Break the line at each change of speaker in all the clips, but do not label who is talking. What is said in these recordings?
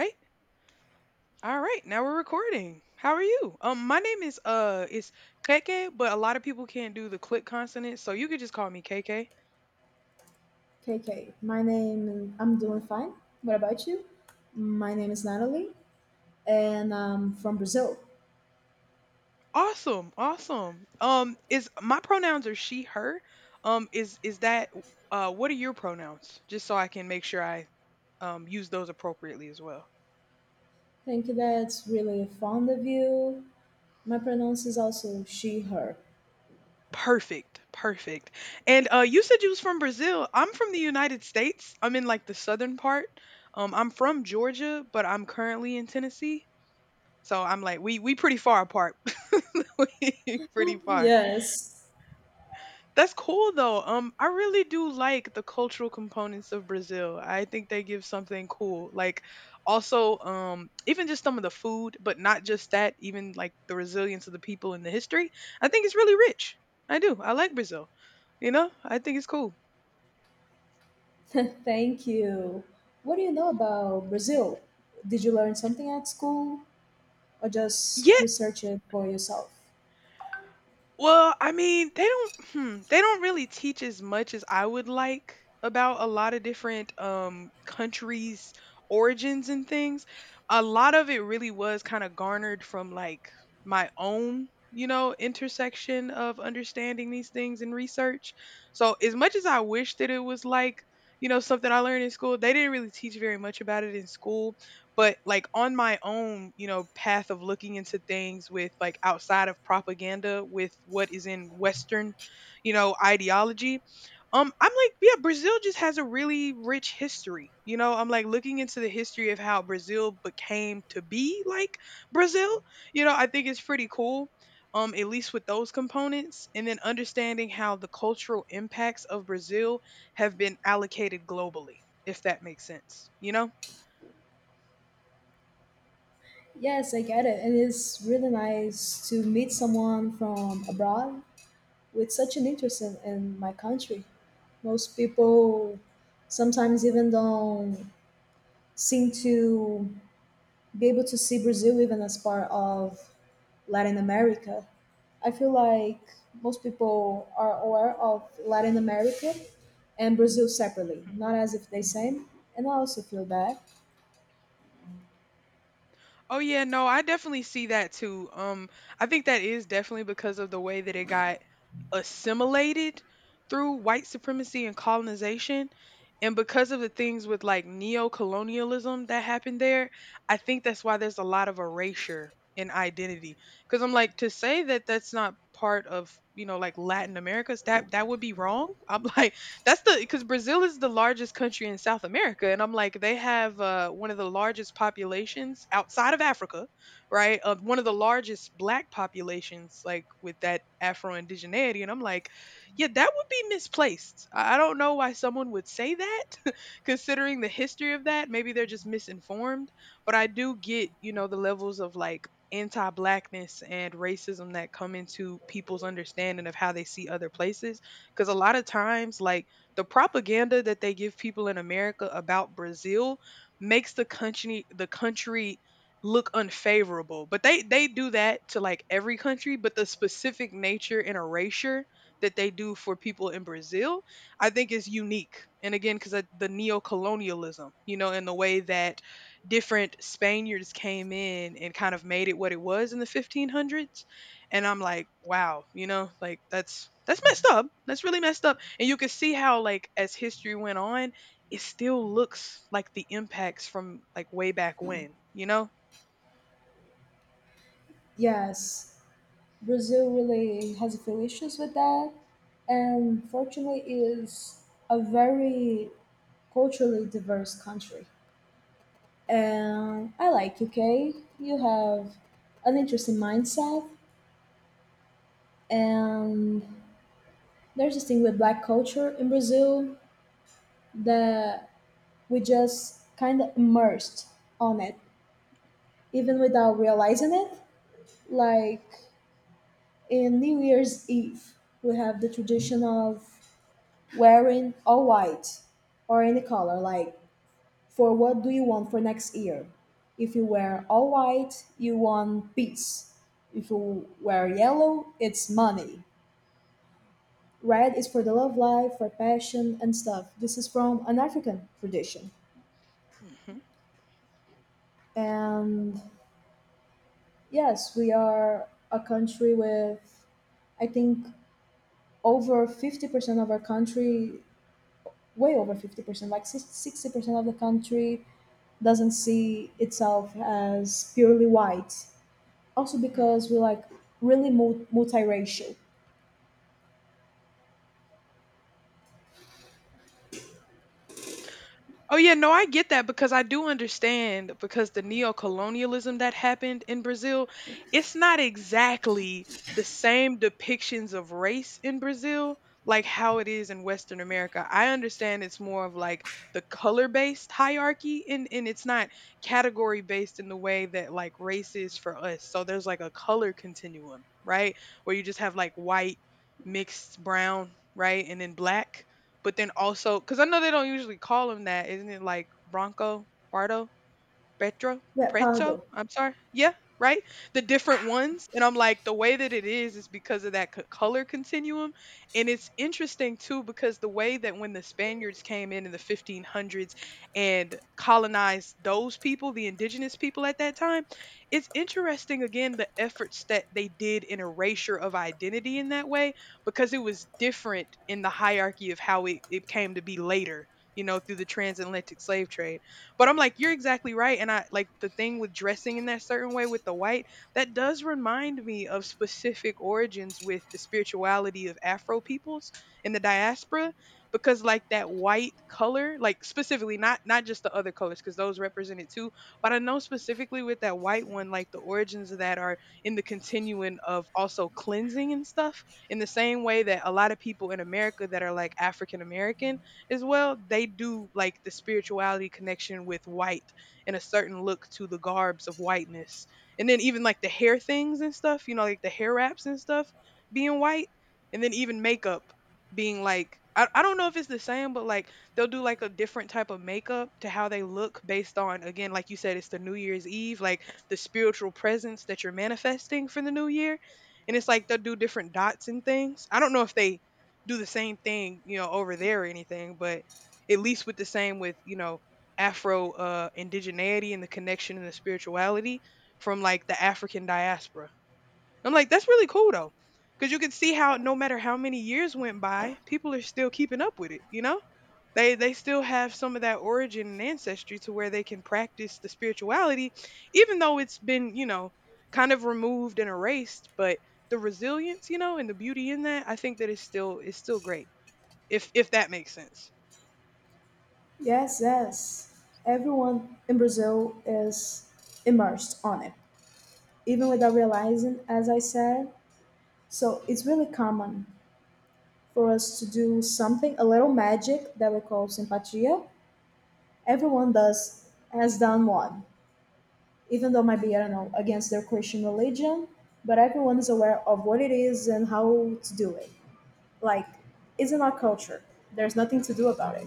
Right? All right, now we're recording. How are you? My name is it's KK, but a lot of people can't do the click consonant, so you could just call me KK.
KK, my name, I'm doing fine. What about you? My name is Natalie, and I'm from Brazil.
Awesome, awesome. Is My pronouns are she, her. Is that What are your pronouns? Just so I can make sure I use those appropriately as well.
Thank you, that's really fond of you. My pronounce is also she, her.
Perfect, perfect. And you said you was from Brazil. I'm from the United States. I'm in like the southern part. I'm from Georgia, but I'm currently in Tennessee. So I'm like, we pretty far apart. We pretty far.
Yes,
That's cool though. I really do like the cultural components of Brazil. I think they give something cool. Like also, even just some of the food, but not just that, even like the resilience of the people and the history. I think it's really rich. I do. I like Brazil. You know, I think it's cool.
thank you. What do you know about Brazil? Did you learn something at school or just
Yeah,
research it for yourself?
well, I mean, they don't really teach as much as I would like about a lot of different countries' origins and things. A lot of it really was kind of garnered from like my own, you know, intersection of understanding these things and research. So, as much as I wish that it was like, you know, something I learned in school, they didn't really teach very much about it in school. But like on my own, you know, path of looking into things with like outside of propaganda with what is in Western, you know, ideology. I'm like, yeah, Brazil just has a really rich history. You know, I'm like looking into the history of how Brazil became to be like Brazil. You know, I think it's pretty cool, at least with those components, and then understanding how the cultural impacts of Brazil have been allocated globally, if that makes sense, you know?
Yes, I get it. And it's really nice to meet someone from abroad with such an interest in my country. Most people sometimes even don't seem to be able to see Brazil even as part of Latin America. I feel like most people are aware of Latin America and Brazil separately, not as if they same. And I also feel that.
Oh yeah, no, I definitely see that too. I think that is definitely because of the way that it got assimilated through white supremacy and colonization, and because of the things with like neo-colonialism that happened there. I think that's why there's a lot of erasure in identity. Because I'm like to say that that's not part of you know like Latin America's that would be wrong. I'm like that's the because Brazil is the largest country in South America, and I'm like, they have one of the largest populations outside of Africa, right? One of the largest Black populations, like with that Afro indigeneity, and I'm like, yeah, that would be misplaced. I don't know why someone would say that, considering the history of that. Maybe they're just misinformed, but I do get, you know, the levels of like anti-blackness and racism that come into people's understanding of how they see other places because a lot of times like the propaganda that they give people in America about Brazil makes the country look unfavorable. But they do that to like every country, but the specific nature and erasure that they do for people in Brazil, I think is unique. And again, because the neo-colonialism, you know, and the way that different Spaniards came in and kind of made it what it was in the 1500s and I'm like, wow, you know, like that's messed up. That's really messed up. And you can see how like as history went on, it still looks like the impacts from like way back when, you know?
Yes, Brazil really has a few issues with that, and fortunately, is a very culturally diverse country. And I like UK. You have an interesting mindset, and there's this thing with black culture in Brazil that we just kind of immersed on it, even
Mhm.
without realizing it. Like in New Year's Eve, we have the tradition of wearing all white or any color, like for what do you want for next year. If you wear all white, you want peace. If you wear yellow, it's money. Red is for the love life, for passion and stuff. This is from an African tradition. And yes, we are a country with, I think, over 50% of our country, way over 50%, like 60% of the country doesn't see itself as purely white. Also
Mhm.
because we're like really multiracial.
Oh yeah, no, I get that because I do understand because the neo-colonialism that happened in Brazil, it's not exactly the same depictions of race in Brazil like how it is in Western America. I understand it's more of like the color-based hierarchy and it's not category-based in the way that like race is for us. So there's like a color continuum, right? Where you just have like white, mixed brown, right? And then black, but then also, because I know they don't usually call him that, isn't it like Bronco Bardo? Petro,
We're
Preto.
Pardo.
I'm sorry. Yeah, right. The different ones, and I'm like the way that it is because of that color continuum, and it's interesting too because the way that when the Spaniards came in the 1500s and colonized those people, the indigenous people at that time, it's interesting again the efforts that they did in erasure of identity in that way because it was different in the hierarchy of how it came to be later. You know, through the transatlantic slave trade. But I'm like, you're exactly right. And I like the thing with dressing in that certain way with the white, that does remind me of specific origins with the spirituality of Afro peoples in the diaspora because like that white color like specifically not just the other colors because those represent it too, but I know specifically with that white one like the origins of that are in the continuum of also cleansing and stuff in the same way that a lot of people in America that are like African American as well, they do like the spirituality connection with white and a certain look to the garbs of whiteness. And then even like the hair things and stuff, you know, like the hair wraps and stuff being white. And then even makeup being like, I don't know if it's the same, but like they'll do like a different type of makeup to how they look based on, again, like you said, it's the New Year's Eve, like the spiritual presence that you're manifesting for the new year. And it's like they'll do different dots and things. I don't know if they do the same thing, you know, over there or anything, but at least with the same with, you know, Afro indigeneity and the connection and the spirituality from like the African diaspora. I'm like, that's really cool though. Cause you can see how no matter how many years went by, people are still keeping up with it, you know? They still have some of that origin and ancestry to where they can practice the spirituality, even though it's been, you know, kind of removed and erased, but the resilience, you know, and the beauty in that, I think that is still great if that makes sense.
Yes, yes. Everyone in Brazil is immersed on it, even without realizing, as I said. So it's really common for us to do something, a little magic that we call simpatia. Everyone does, has done one, even though it might be, I don't know, against their Christian religion, but everyone is aware of what it is and how to do it. Like it's in our culture, there's nothing to do about it.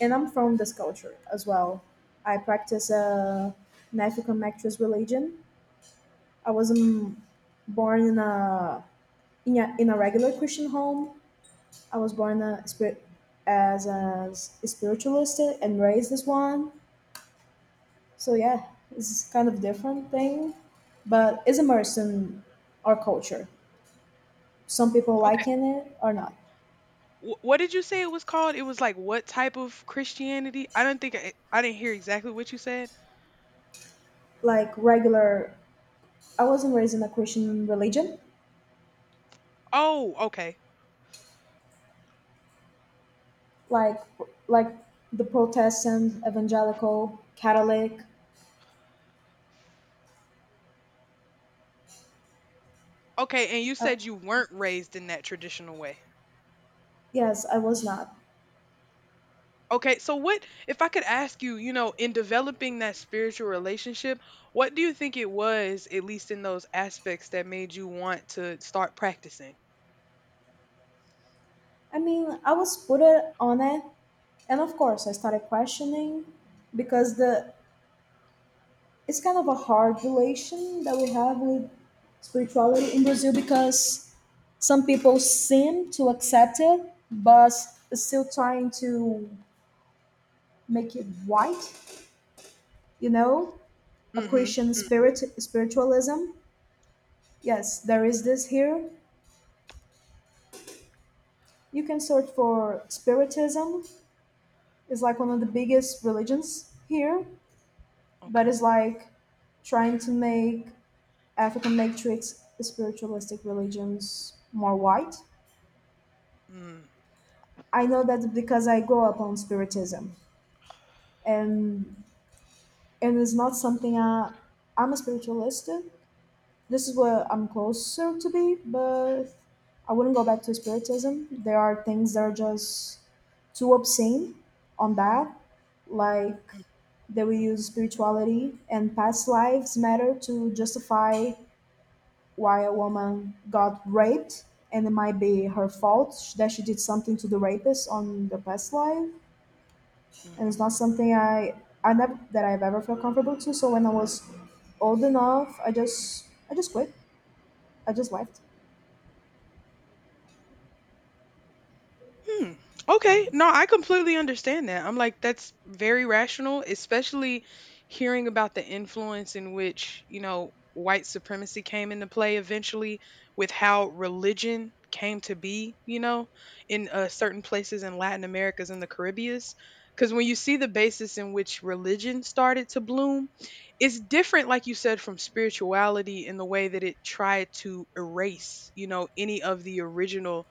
And I'm from this culture as well. I practice a an African actress religion. I wasn't born in a in a regular Christian home. I was born a spirit, as a spiritualist, and raised as one. So yeah, it's kind of different thing, but it's immersed in our culture, some people
Okay.
liking it or not.
What did you say it was called? It was like what type of Christianity? I don't think I didn't hear exactly what you said.
Like regular, I wasn't raised in a Christian religion.
Oh, okay.
Like like the Protestant, evangelical, Catholic.
Okay, and you
Uh,
said you weren't raised in that traditional way.
yes, I was not.
Okay, so what if I could ask you, you know, in developing that spiritual relationship, what do you think it was at least in those aspects that made you want to start practicing?
I mean, I was put it on it, and of course, I started questioning because the it's kind of a hard relation that we have with spirituality in Brazil because some people seem to accept it, but still trying to make it white. You know, a
Mhm.
Christian
Mhm.
spiritualism. Yes, there is this here. You can search for Spiritism. It's like one of the biggest religions here, but
Okay.
it's like trying to make African matrix spiritualistic religions more white.
Mm.
I know that because I grew up on Spiritism, and it's not something I'm a spiritualist. This is where I'm closer to be, but I wouldn't go back to Spiritism. There are things that are just too obscene on that, like
Mm.
they will
Mm-hmm.
use spirituality and past lives matter to justify why a woman got raped, and it might be her fault that she did something to the rapist on the past life. And
Mm-hmm.
it's not something I never that I've ever felt comfortable to. So when I was old enough, I just quit. I just left.
Hmm. Okay. No, I completely understand that. I'm like, that's very rational, especially hearing about the influence in which, you know, white supremacy came into play eventually with how religion came to be, you know, in certain places in Latin Americas and the Caribbeans. Because when you see the basis in which religion started to bloom, it's different, like you said, from spirituality in the way that it tried to erase, you know, any of the original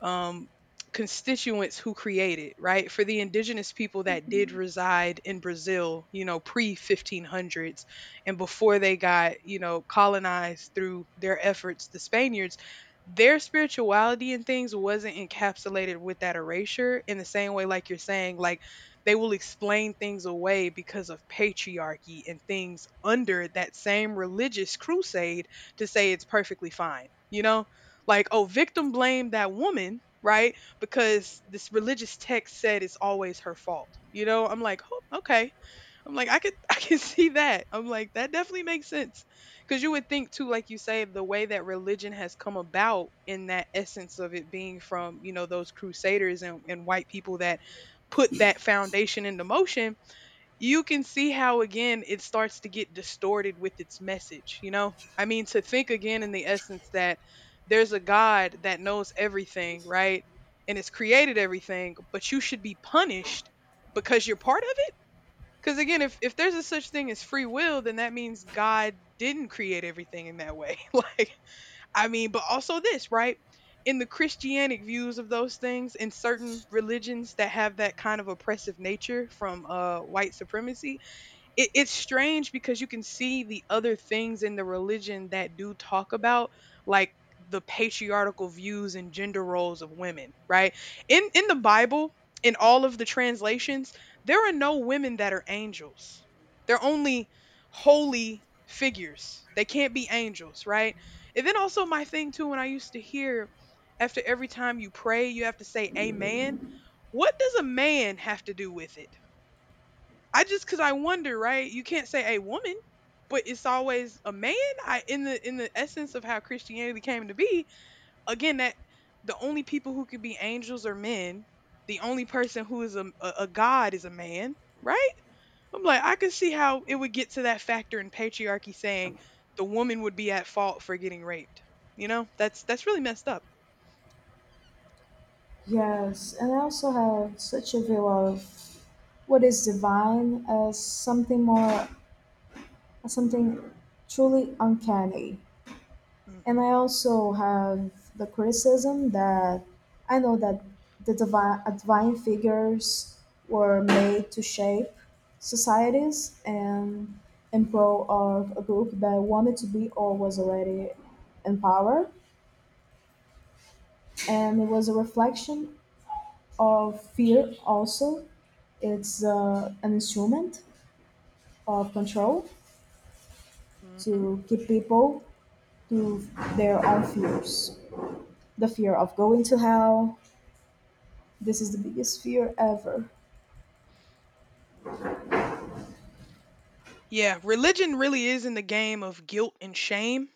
um, constituents who created, right? For the indigenous people that did reside in Brazil, you know, pre 1500s and before they got, you know, colonized through their efforts, the Spaniards, their spirituality and things wasn't encapsulated with that erasure in the same way, like you're saying, like they will explain things away because of patriarchy and things under that same religious crusade to say it's perfectly fine. You know, like, oh, victim blamed that woman, right? Because this religious text said it's always her fault. You know, I'm like, oh, okay. I'm like, I could, I can see that. I'm like, that definitely makes sense. Because you would think too, like you say, the way that religion has come about in that essence of it being from, you know, those crusaders and white people that put that foundation into motion, you can see how again it starts to get distorted with its message, you know? I mean, to think again in the essence that there's a God that knows everything, right? And has created everything, but you should be punished because you're part of it? Because again, if there's a such thing as free will, then that means God didn't create everything in that way. like, I mean, but also this, right? In the Christianic views of those things, in certain religions that have that kind of oppressive nature from white supremacy, it's strange because you can see the other things in the religion that do talk about like the patriarchal views and gender roles of women, right? In the Bible, in all of the translations, there are no women that are angels. They're only holy figures. They can't be angels, right? And then also my thing too, when I used to hear after every time you pray you have to say amen. What does a man have to do with it? I just, cause I wonder, right? You can't say a woman, but it's always a man. I, in the essence of how Christianity came to be, again, that the only people who could be angels are men. The only person who is a god is a man, right? I'm like, I could see how it would get to that factor in patriarchy saying the woman would be at fault for getting raped. You know, that's really messed up.
Yes, and I also have such a view of what is divine as something more, as something truly uncanny. And
Hmm.
I also have the criticism that I know that the divine figures were made to shape societies and in pro of a group that wanted to be or was already in power. And it was a reflection of fear also. It's an instrument of control
Hmm.
to keep people to their own fears. The fear of going to hell, this is the biggest fear ever.
Yeah, religion really is in the game of guilt and shame,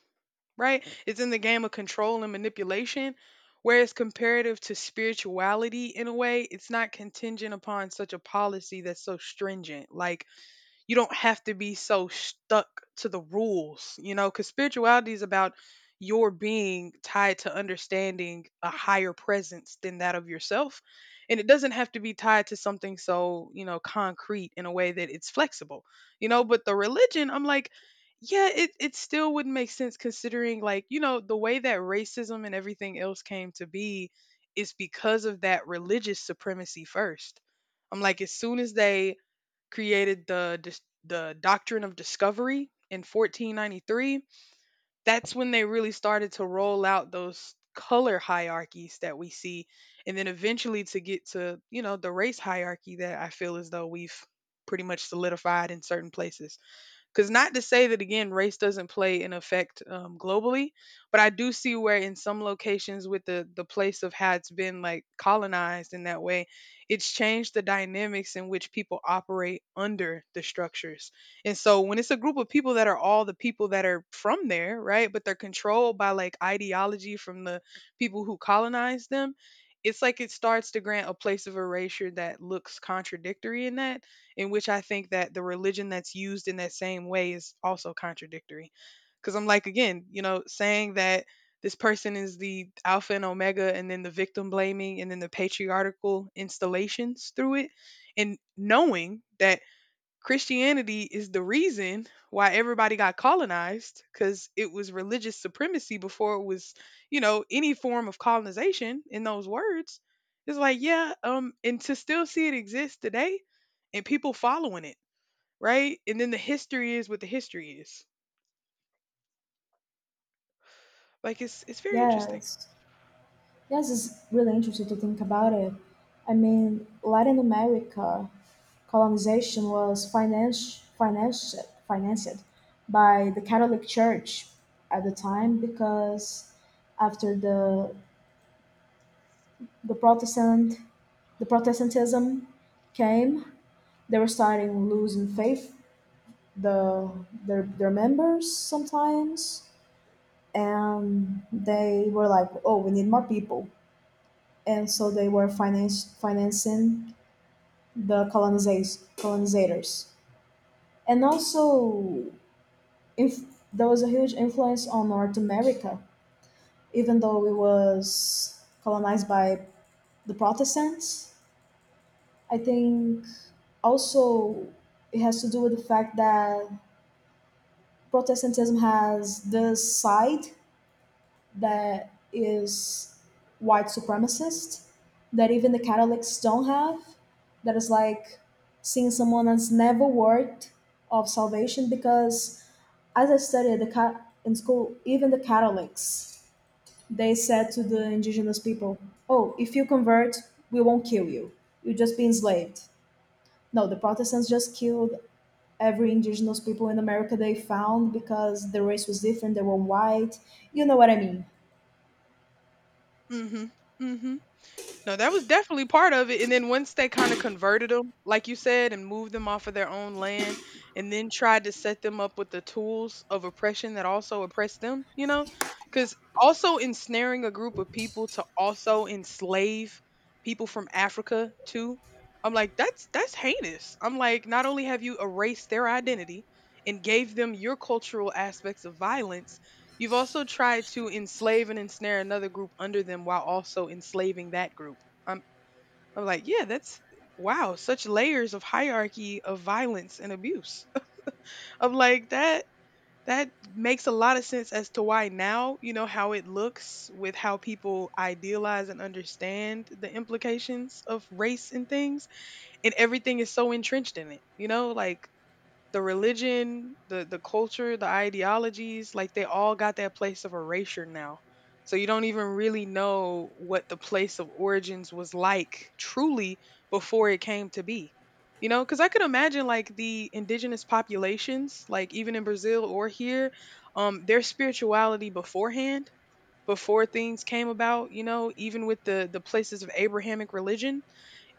right? It's in the game of control and manipulation, where it's comparative to spirituality in a way. It's not contingent upon such a policy that's so stringent. Like, you don't have to be so stuck to the rules, you know, because spirituality is about your being tied to understanding a higher presence than that of yourself. And it doesn't have to be tied to something so, you know, concrete in a way that it's flexible, you know. But the religion, I'm like, yeah, it still wouldn't make sense considering, like, you know, the way that racism and everything else came to be is because of that religious supremacy first. I'm like, as soon as they created the the doctrine of discovery in 1493. That's when they really started to roll out those color hierarchies that we see and then eventually to get to, you know, the race hierarchy that I feel as though we've pretty much solidified in certain places. Because not to say that again, race doesn't play an effect globally, but I do see where in some locations with the place of how it's been like colonized in that way, it's changed the dynamics in which people operate under the structures. And so when it's a group of people that are all the people that are from there, right, but they're controlled by like ideology from the people who colonized them, it's like it starts to grant a place of erasure that looks contradictory in that in which I think that the religion that's used in that same way is also contradictory. Because I'm like, again, you know, saying that this person is the alpha and omega, and then the victim blaming, and then the patriarchal installations through it, and knowing that Christianity is the reason why everybody got colonized because it was religious supremacy before it was, you know, any form of colonization in those words. It's like, yeah, and to still see it exist today and people following it, right? And then the history is what the history is. Like, it's very interesting.
Yes. Yes, it's really interesting to think about it. I mean, Latin America colonization was financed by the Catholic Church at the time because after the Protestant, the Protestantism came, they were starting losing faith, the their members sometimes, and they were like, "Oh, we need more people." And so they were financing the colonizers. Colonizators. And also, if there was a huge influence on North America, even though it was colonized by the Protestants. I think also it has to do with the fact that Protestantism has this side that is white supremacist that even the Catholics don't have. That is like seeing someone that's never worthy of salvation because, as I studied the in school, even the Catholics, they said to the indigenous people, "Oh, if you convert, we won't kill you. You'll just be enslaved." No, the Protestants just killed every indigenous people in America they found because the race was different. They were white. You know what I mean?
Mm-hmm. Mm-hmm. No, that was definitely part of it. And then once they kind of converted them, like you said, and moved them off of their own land, and then tried to set them up with the tools of oppression that also oppressed them, you know? Because also ensnaring a group of people to also enslave people from Africa too. I'm like, that's heinous. I'm like, not only have you erased their identity and gave them your cultural aspects of violence, you've also tried to enslave and ensnare another group under them while also enslaving that group. I'm like, yeah, that's wow, such layers of hierarchy of violence and abuse. I'm like that makes a lot of sense as to why now, you know, how it looks with how people idealize and understand the implications of race and things, and everything is so entrenched in it. You know, like the religion, the culture, the ideologies, like they all got that place of erasure now. So you don't even really know what the place of origins was like truly before it came to be. You know, because I could imagine like the indigenous populations, like even in Brazil or here, their spirituality beforehand, before things came about, you know, even with the places of Abrahamic religion,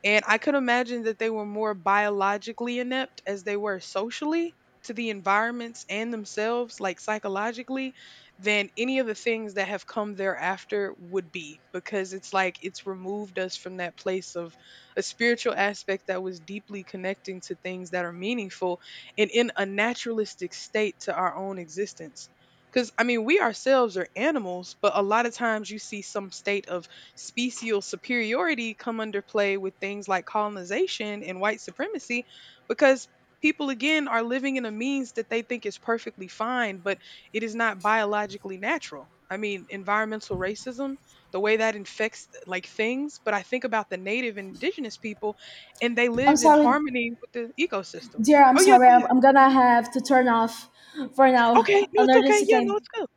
and I could imagine that they were more biologically inept as they were socially to the environments and themselves, like psychologically, than any of the things that have come thereafter would be, because it's like it's removed us from that place of a spiritual aspect that was deeply connecting to things that are meaningful and in a naturalistic state to our own existence. Because, I mean, we ourselves are animals, but a lot of times you see some state of special superiority come under play with things like colonization and white supremacy because people again are living in a means that they think is perfectly fine, but it is not biologically natural. I mean, environmental racism, the way that infects like things. But I think about the native and indigenous people, and they
I'm
lived in
sorry.
harmony with the ecosystems.
Dear, I'm
Oh yeah,
sorry.
go ahead.
I'm gonna
Mhm.
have to turn off for now.
Okay, no,
An
it's okay.
urgency
Yeah, no,
came.
it's good.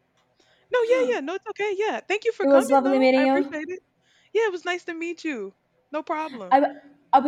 No, yeah, yeah. No, it's okay. Yeah. Thank you for
It was
coming
lovely
though.
meeting
I
you.
appreciate it. Yeah, it was nice to meet you. No
I,
problem.
I.